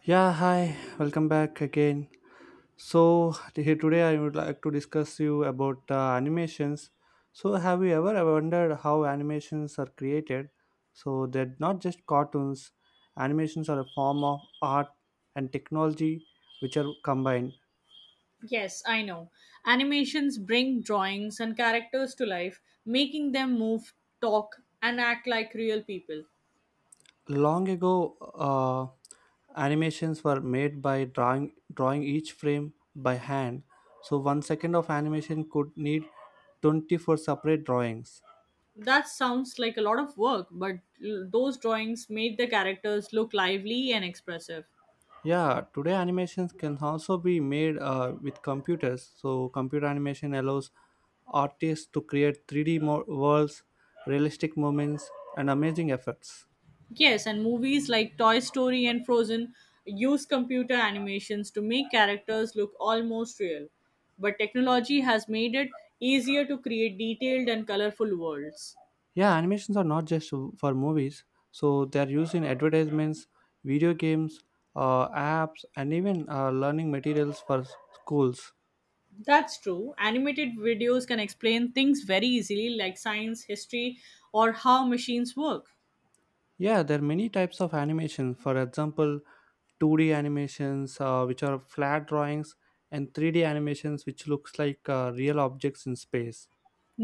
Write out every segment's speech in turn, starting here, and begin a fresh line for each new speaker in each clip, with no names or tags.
Yeah, hi. Welcome back again. So here today I would like to discuss you about animations. So have you ever wondered how animations are created? So they're not just cartoons. Animations are a form of art and technology which are combined.
Yes, I know. Animations bring drawings and characters to life, making them move, talk, and act like real people.
Long ago, animations were made by drawing each frame by hand. So 1 second of animation could need 24 separate drawings.
That sounds like a lot of work, but those drawings made the characters look lively and expressive.
Yeah, today animations can also be made with computers. So, computer animation allows artists to create 3D worlds, realistic moments, and amazing effects.
Yes, and movies like Toy Story and Frozen use computer animations to make characters look almost real. But technology has made it easier to create detailed and colorful worlds.
Yeah, animations are not just for movies, so they are used in advertisements, video games, apps, and even learning materials for schools.
That's true. Animated videos can explain things very easily, like science, history, or how machines work.
Yeah, there are many types of animation. For example, 2D animations, which are flat drawings, and 3D animations, which looks like real objects in space.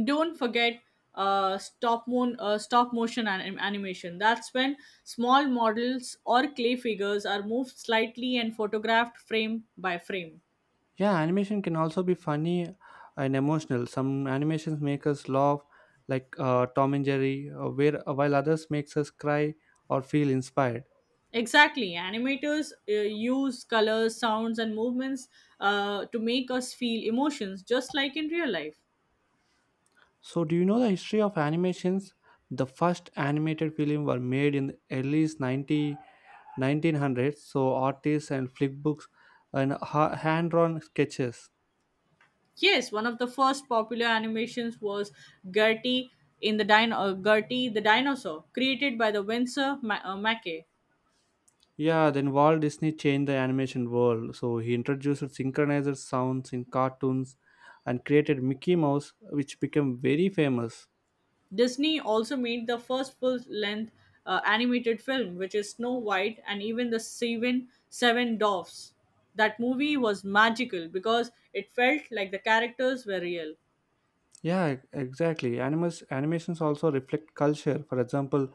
Don't forget stop motion animation. That's when small models or clay figures are moved slightly and photographed frame by frame.
Yeah, animation can also be funny and emotional. Some animations make us laugh, like Tom and Jerry, while others makes us cry or feel inspired.
Exactly. Animators use colors, sounds, and movements to make us feel emotions, just like in real life.
So, do you know the history of animations? The first animated film were made in the early 90, 1900s. So, artists and flick books and hand-drawn sketches.
Yes, one of the first popular animations was Gertie in the Gertie the Dinosaur, created by the Winsor Mackey.
Yeah, then Walt Disney changed the animation world. So, he introduced synchronized sounds in cartoons and created Mickey Mouse, which became very famous.
Disney also made the first full-length animated film, which is Snow White and even the Seven Dwarfs. That movie was magical because it felt like the characters were real.
Yeah, exactly. Animals Animations also reflect culture. For example,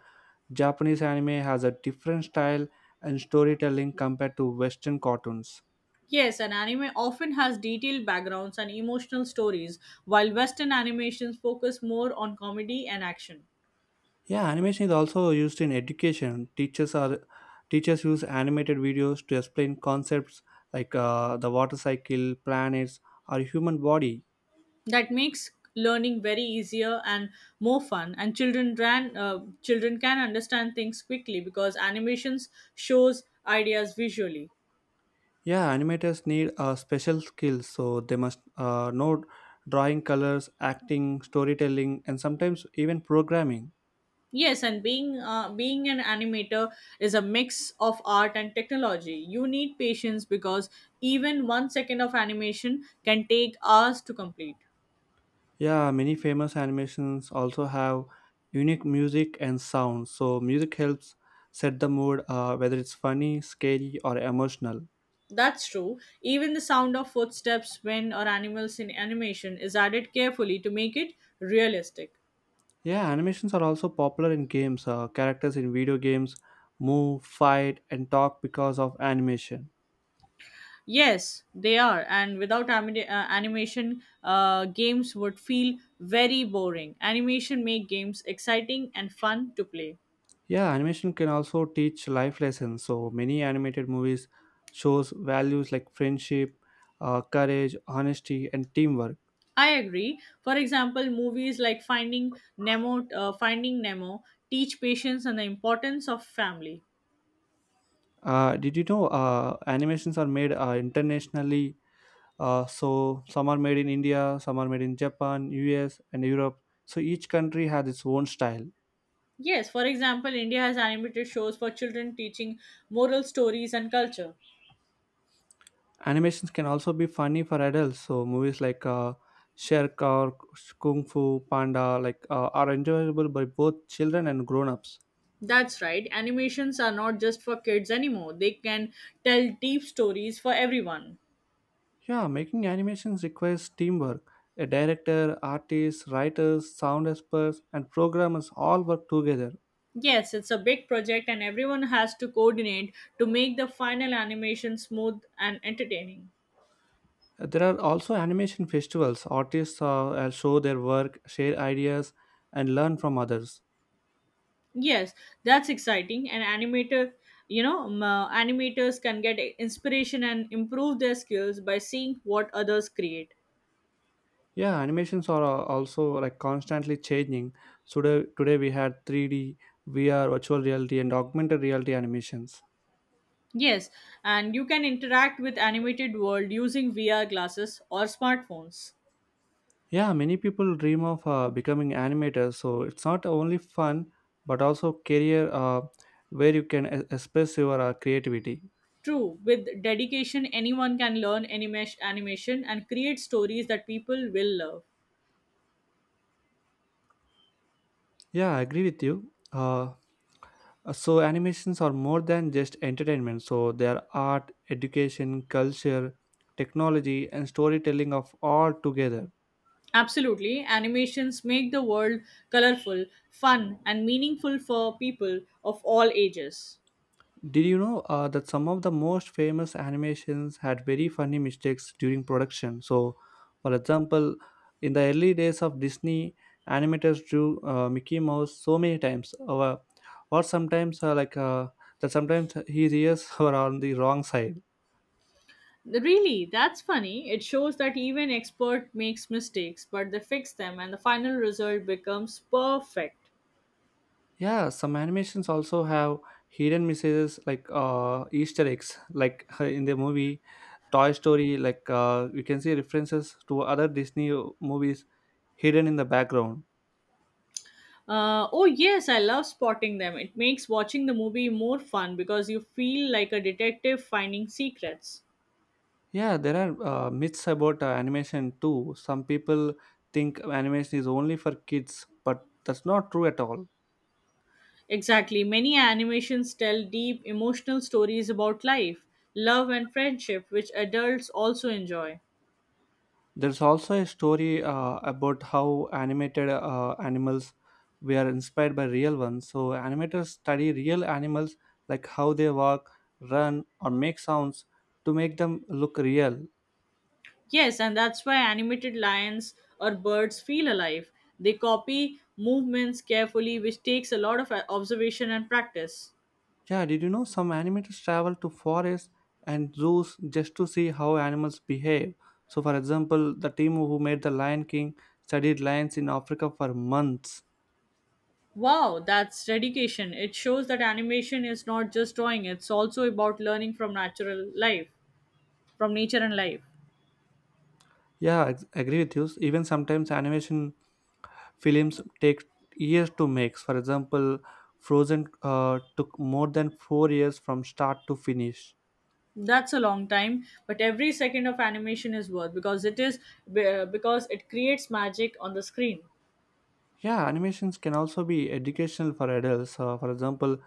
Japanese anime has a different style and storytelling compared to Western cartoons.
Yes, an anime often has detailed backgrounds and emotional stories, while Western animations focus more on comedy and action.
Yeah, animation is also used in education. Teachers use animated videos to explain concepts like the water cycle, planets, or human body.
That makes learning very easier and more fun, and children can understand things quickly because animations shows ideas visually.
Yeah, animators need special skills, so they must know drawing colors, acting, storytelling, and sometimes even programming.
Yes, and being an animator is a mix of art and technology. You need patience because even 1 second of animation can take hours to complete.
Yeah, many famous animations also have unique music and sound. So music helps set the mood, whether it's funny, scary, or emotional.
That's true. Even the sound of footsteps when or animals in animation is added carefully to make it realistic.
Yeah, animations are also popular in games. Characters in video games move, fight, and talk because of animation.
Yes, they are. And without animation, games would feel very boring. Animation make games exciting and fun to play.
Yeah, animation can also teach life lessons. So many animated movies shows values like friendship, courage, honesty, and teamwork.
I agree. For example, movies like Finding Nemo, teach patience and the importance of family.
Did you know animations are made internationally? So some are made in India, some are made in Japan, US, and Europe. So each country has its own style.
Yes, for example, India has animated shows for children teaching moral stories and culture.
Animations can also be funny for adults. So movies like Shrek or Kung Fu Panda are enjoyable by both children and grown-ups.
That's right. Animations are not just for kids anymore. They can tell deep stories for everyone.
Yeah, making animations requires teamwork. A director, artists, writers, sound experts, and programmers all work together.
Yes, it's a big project, and everyone has to coordinate to make the final animation smooth and entertaining.
There are also animation festivals. Artists show their work, share ideas, and learn from others.
Yes, that's exciting. And animators can get inspiration and improve their skills by seeing what others create.
Yeah, animations are also like constantly changing. So today we had 3D, VR, virtual reality, and augmented reality animations.
Yes, and you can interact with animated world using VR glasses or smartphones.
Yeah, many people dream of becoming animators. So it's not only fun, but also career where you can express your creativity.
True, with dedication, anyone can learn animation and create stories that people will love.
Yeah, I agree with you. So animations are more than just entertainment. So they are art, education, culture, technology, and storytelling of all together.
Absolutely. Animations make the world colorful, fun, and meaningful for people of all ages.
Did you know that some of the most famous animations had very funny mistakes during production? So, for example, in the early days of Disney, animators drew Mickey Mouse so many times, or sometimes that. Sometimes his ears were on the wrong side.
Really, that's funny. It shows that even expert makes mistakes, but they fix them and the final result becomes perfect.
Yeah, some animations also have hidden messages like Easter eggs, like in the movie Toy Story. You can see references to other Disney movies hidden in the background.
Oh yes, I love spotting them. It makes watching the movie more fun because you feel like a detective finding secrets.
Yeah, there are myths about animation too. Some people think animation is only for kids, but that's not true at all.
Exactly. Many animations tell deep emotional stories about life, love and friendship which adults also enjoy.
There's also a story about how animated animals were inspired by real ones. So, animators study real animals, like how they walk, run, or make sounds, to make them look real.
Yes, and that's why animated lions or birds feel alive. They copy movements carefully, which takes a lot of observation and practice.
Yeah, did you know some animators travel to forests and zoos just to see how animals behave? So, for example, the team who made The Lion King studied lions in Africa for months.
Wow, that's dedication. It shows that animation is not just drawing, it's also about learning from natural life, from nature and life.
Yeah, I agree with you. Even sometimes animation films take years to make. For example, Frozen took more than 4 years from start to finish.
That's a long time, but every second of animation is worth because because it creates magic on the screen.
Yeah, animations can also be educational for adults. For example,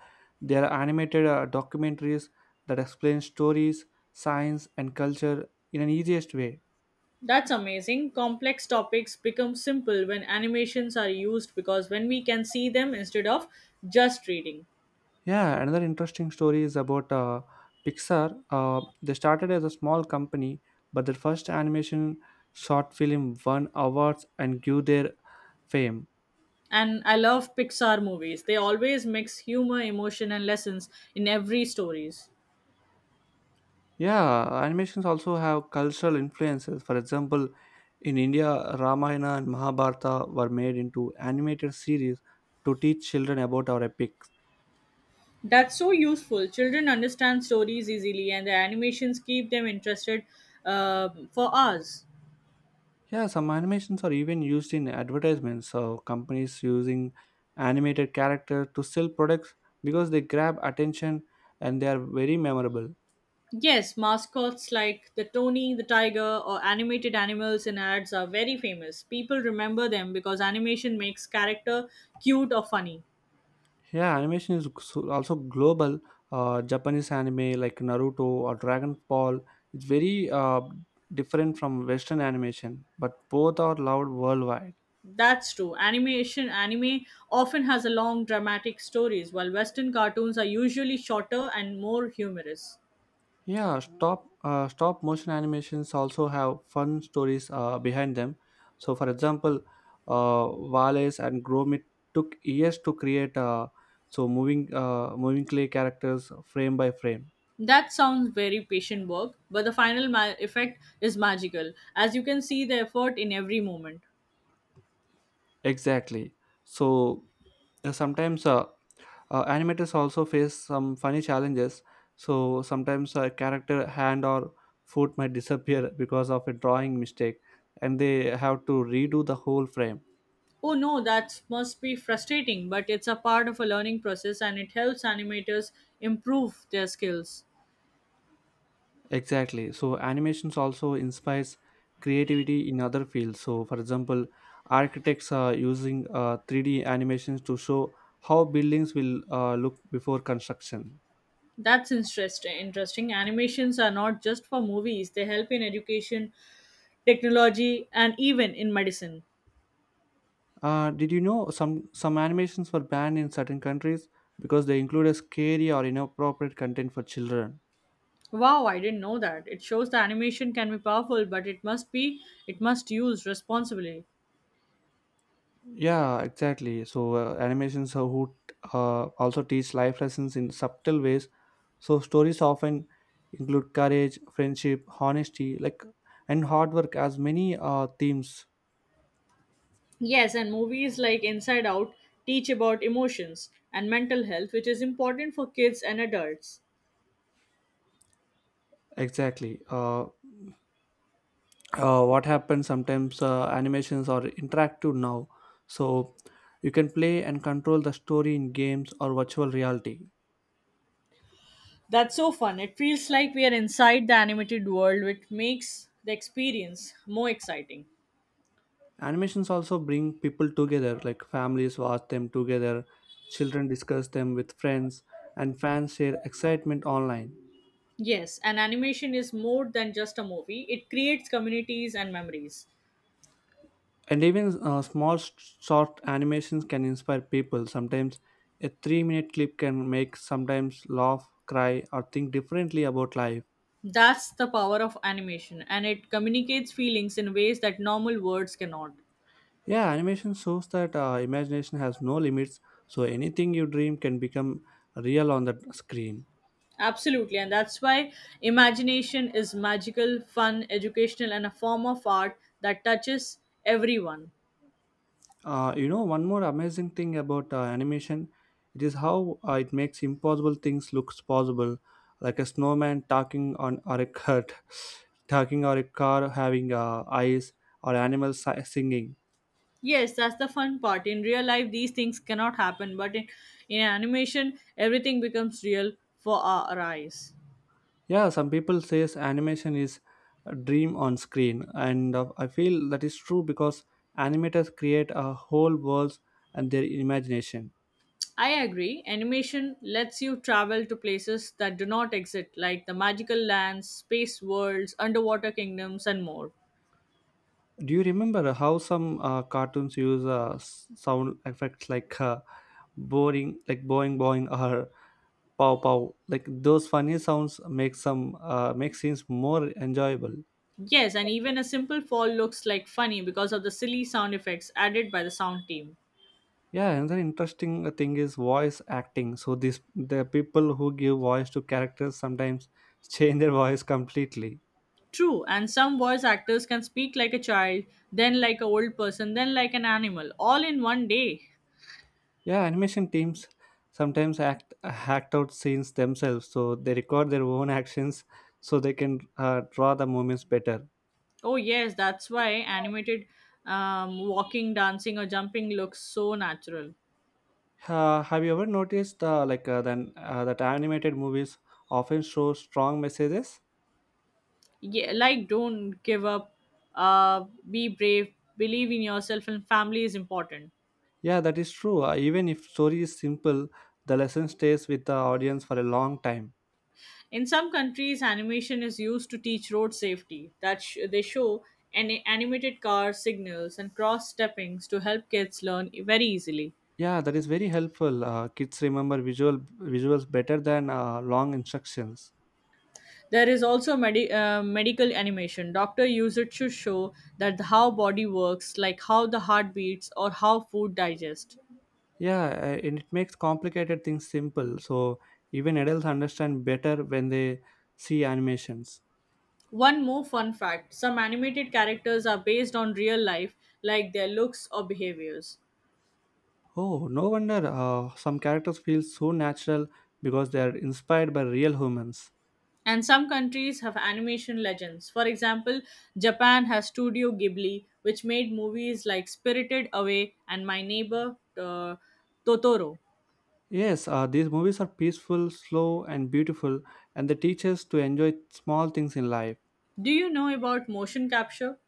there are animated documentaries that explain stories, science, and culture in an easiest way.
That's amazing. Complex topics become simple when animations are used because when we can see them instead of just reading.
Yeah, another interesting story is about Pixar. They started as a small company, but their first animation short film won awards and grew their fame.
And I love Pixar movies. They always mix humor, emotion and lessons in every stories.
Yeah, animations also have cultural influences. For example, in India, Ramayana and Mahabharata were made into animated series to teach children about our epics.
That's so useful. Children understand stories easily and the animations keep them interested for hours.
Yeah, some animations are even used in advertisements. So companies using animated characters to sell products because they grab attention and they are very memorable.
Yes, mascots like the Tony the Tiger or animated animals in ads are very famous. People remember them because animation makes character cute or funny.
Yeah, animation is also global. Japanese anime like Naruto or Dragon Ball is very different from Western animation, but both are loved worldwide.
That's true. Animation anime often has a long dramatic stories while western cartoons are usually shorter and more humorous.
Yeah, stop motion animations also have fun stories behind them. So, for example, Wallace and Gromit took years to create. So moving clay characters frame by frame.
That sounds very patient work, but the final effect is magical as you can see the effort in every moment.
Exactly. So sometimes animators also face some funny challenges, so sometimes a character hand or foot might disappear because of a drawing mistake, and they have to redo the whole frame.
Oh no, that must be frustrating, but it's a part of a learning process and it helps animators improve their skills.
Exactly. So animations also inspires creativity in other fields. So for example, architects are using 3D animations to show how buildings will look before construction.
Interesting. Animations are not just for movies, they help in education, technology, and even in medicine.
Did you know some animations were banned in certain countries because they included scary or inappropriate content for children?
Wow, I didn't know that. It shows the animation can be powerful, but it must use responsibly.
Yeah, exactly. So animations are who also teach life lessons in subtle ways. So stories often include courage, friendship, honesty, and hard work as many themes.
Yes, and movies like Inside Out teach about emotions and mental health, which is important for kids and adults.
Exactly. What happens sometimes? Animations are interactive now, so you can play and control the story in games or virtual reality.
That's so fun. It feels like we are inside the animated world, which makes the experience more exciting.
Animations also bring people together, like families watch them together, children discuss them with friends, and fans share excitement online.
Yes, and animation is more than just a movie, it creates communities and memories.
And even small short animations can inspire people. Sometimes a 3 minute clip can make sometimes laugh, cry, or think differently about life.
That's the power of animation, and it communicates feelings in ways that normal words cannot.
Yeah, animation shows that imagination has no limits, so anything you dream can become real on the screen.
Absolutely, and that's why imagination is magical, fun, educational, and a form of art that touches everyone.
One more amazing thing about animation, it is how it makes impossible things looks possible, like a snowman talking on or a cat, talking or a car having eyes or animals singing.
Yes, that's the fun part. In real life, these things cannot happen, but in animation, everything becomes real for our eyes.
Yeah, some people says animation is a dream on screen, and I feel that is true because animators create a whole worlds and their imagination.
I agree. Animation lets you travel to places that do not exist, like the magical lands, space worlds, underwater kingdoms, and more.
Do you remember how some cartoons use sound effects like? Boring Like boing boing or pow pow, like those funny sounds make scenes more enjoyable.
Yes, and even a simple fall looks like funny because of the silly sound effects added by the sound team.
Yeah, another interesting thing is voice acting. So this the people who give voice to characters sometimes change their voice completely.
True, and some voice actors can speak like a child, then like an old person, then like an animal, all in one day.
Yeah, animation teams sometimes act out scenes themselves, so they record their own actions so they can draw the moments better.
Oh yes, that's why animated walking, dancing, or jumping looks so natural.
Have you ever noticed like then that animated movies often show strong messages?
Yeah, like don't give up. Be brave. Believe in yourself, and family is important.
Yeah, that is true. Even if story is simple, the lesson stays with the audience for a long time.
In some countries, animation is used to teach road safety. They show an animated car signals and cross steppings to help kids learn very easily.
Yeah, that is very helpful. Kids remember visuals better than long instructions.
There is also medical animation. Doctor use it to show that how body works, like how the heart beats or how food digests.
Yeah, and it makes complicated things simple. So even adults understand better when they see animations.
One more fun fact: some animated characters are based on real life, like their looks or behaviors.
Oh, no wonder some characters feel so natural because they are inspired by real humans.
And some countries have animation legends. For example, Japan has Studio Ghibli, which made movies like Spirited Away and My Neighbor uh, Totoro.
Yes, these movies are peaceful, slow, and beautiful, and they teach us to enjoy small things in life.
Do you know about motion capture?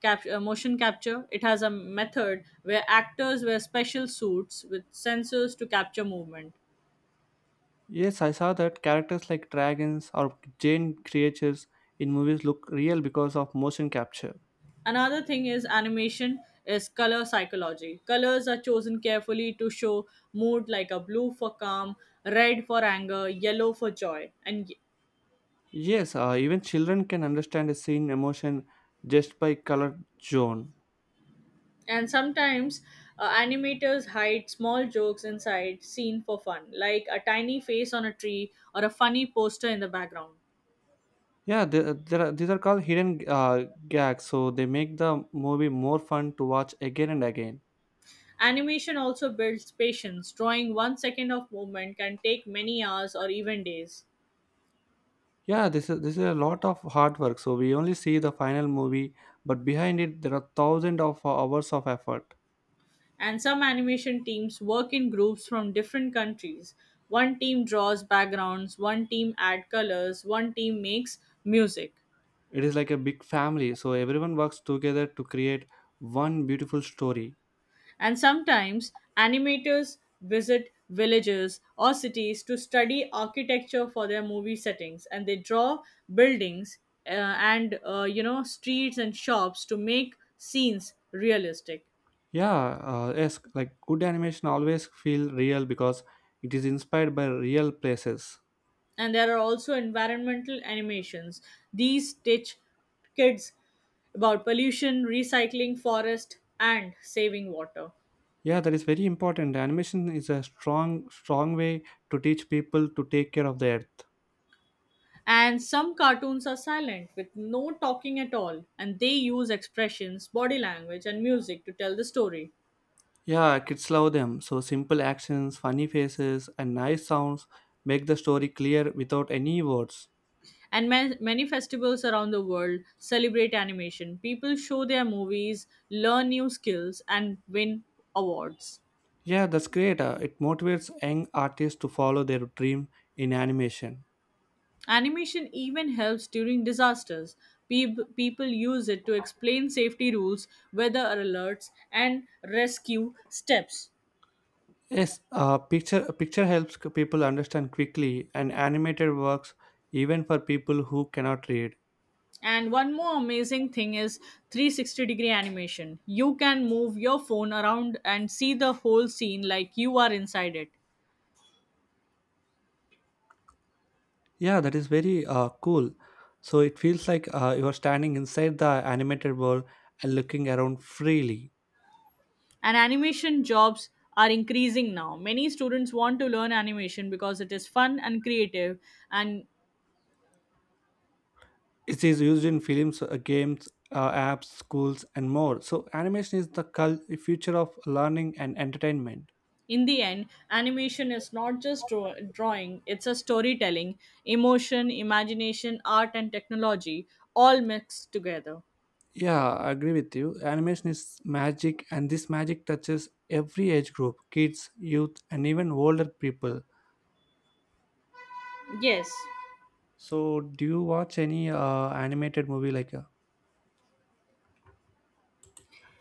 Motion capture. It has a method where actors wear special suits with sensors to capture movement.
Yes, I saw that characters like dragons or giant creatures in movies look real because of motion capture.
Another thing is animation is color psychology. Colors are chosen carefully to show mood, like a blue for calm, red for anger, yellow for joy.
Yes, even children can understand a scene emotion just by color zone.
And sometimes animators hide small jokes inside scene for fun, like a tiny face on a tree or a funny poster in the background.
Yeah, these are called hidden gags, so they make the movie more fun to watch again and again.
Animation also builds patience. Drawing one second of movement can take many hours or even days.
Yeah, this is a lot of hard work. So we only see the final movie, but behind it there are thousands of hours of effort.
And some animation teams work in groups from different countries. One team draws backgrounds, one team adds colors, one team makes music.
It is like a big family, so everyone works together to create one beautiful story.
And sometimes animators visit villages or cities to study architecture for their movie settings, and they draw buildings and streets and shops to make scenes realistic.
Yeah, yes, like good animation always feel real because it is inspired by real places.
And there are also environmental animations. These teach kids about pollution, recycling forest, and saving water.
Yeah, that is very important. Animation is a strong, strong way to teach people to take care of the earth.
And some cartoons are silent with no talking at all, and they use expressions, body language, and music to tell the story.
Yeah, kids love them. So simple actions, funny faces, and nice sounds make the story clear without any words.
And many festivals around the world celebrate animation. People show their movies, learn new skills, and win awards.
Yeah, that's great. It motivates young artists to follow their dream in animation.
Animation even helps during disasters. People use it to explain safety rules, weather alerts, and rescue steps.
Yes, picture helps people understand quickly, and animated works even for people who cannot read.
And one more amazing thing is 360 degree animation. You can move your phone around and see the whole scene like you are inside it.
Yeah, that is very cool. So it feels like you are standing inside the animated world and looking around freely.
And animation jobs are increasing now. Many students want to learn animation because it is fun and creative and
It is used in films, games, apps, schools, and more. So animation is the future of learning and entertainment.
in the end, animation is not just drawing, it's a storytelling, emotion, imagination, art, and technology all mixed together.
Yeah, I agree with you. Animation is magic, and this magic touches every age group kids, youth, and even older people.
Yes,
So, do you watch any animated movie like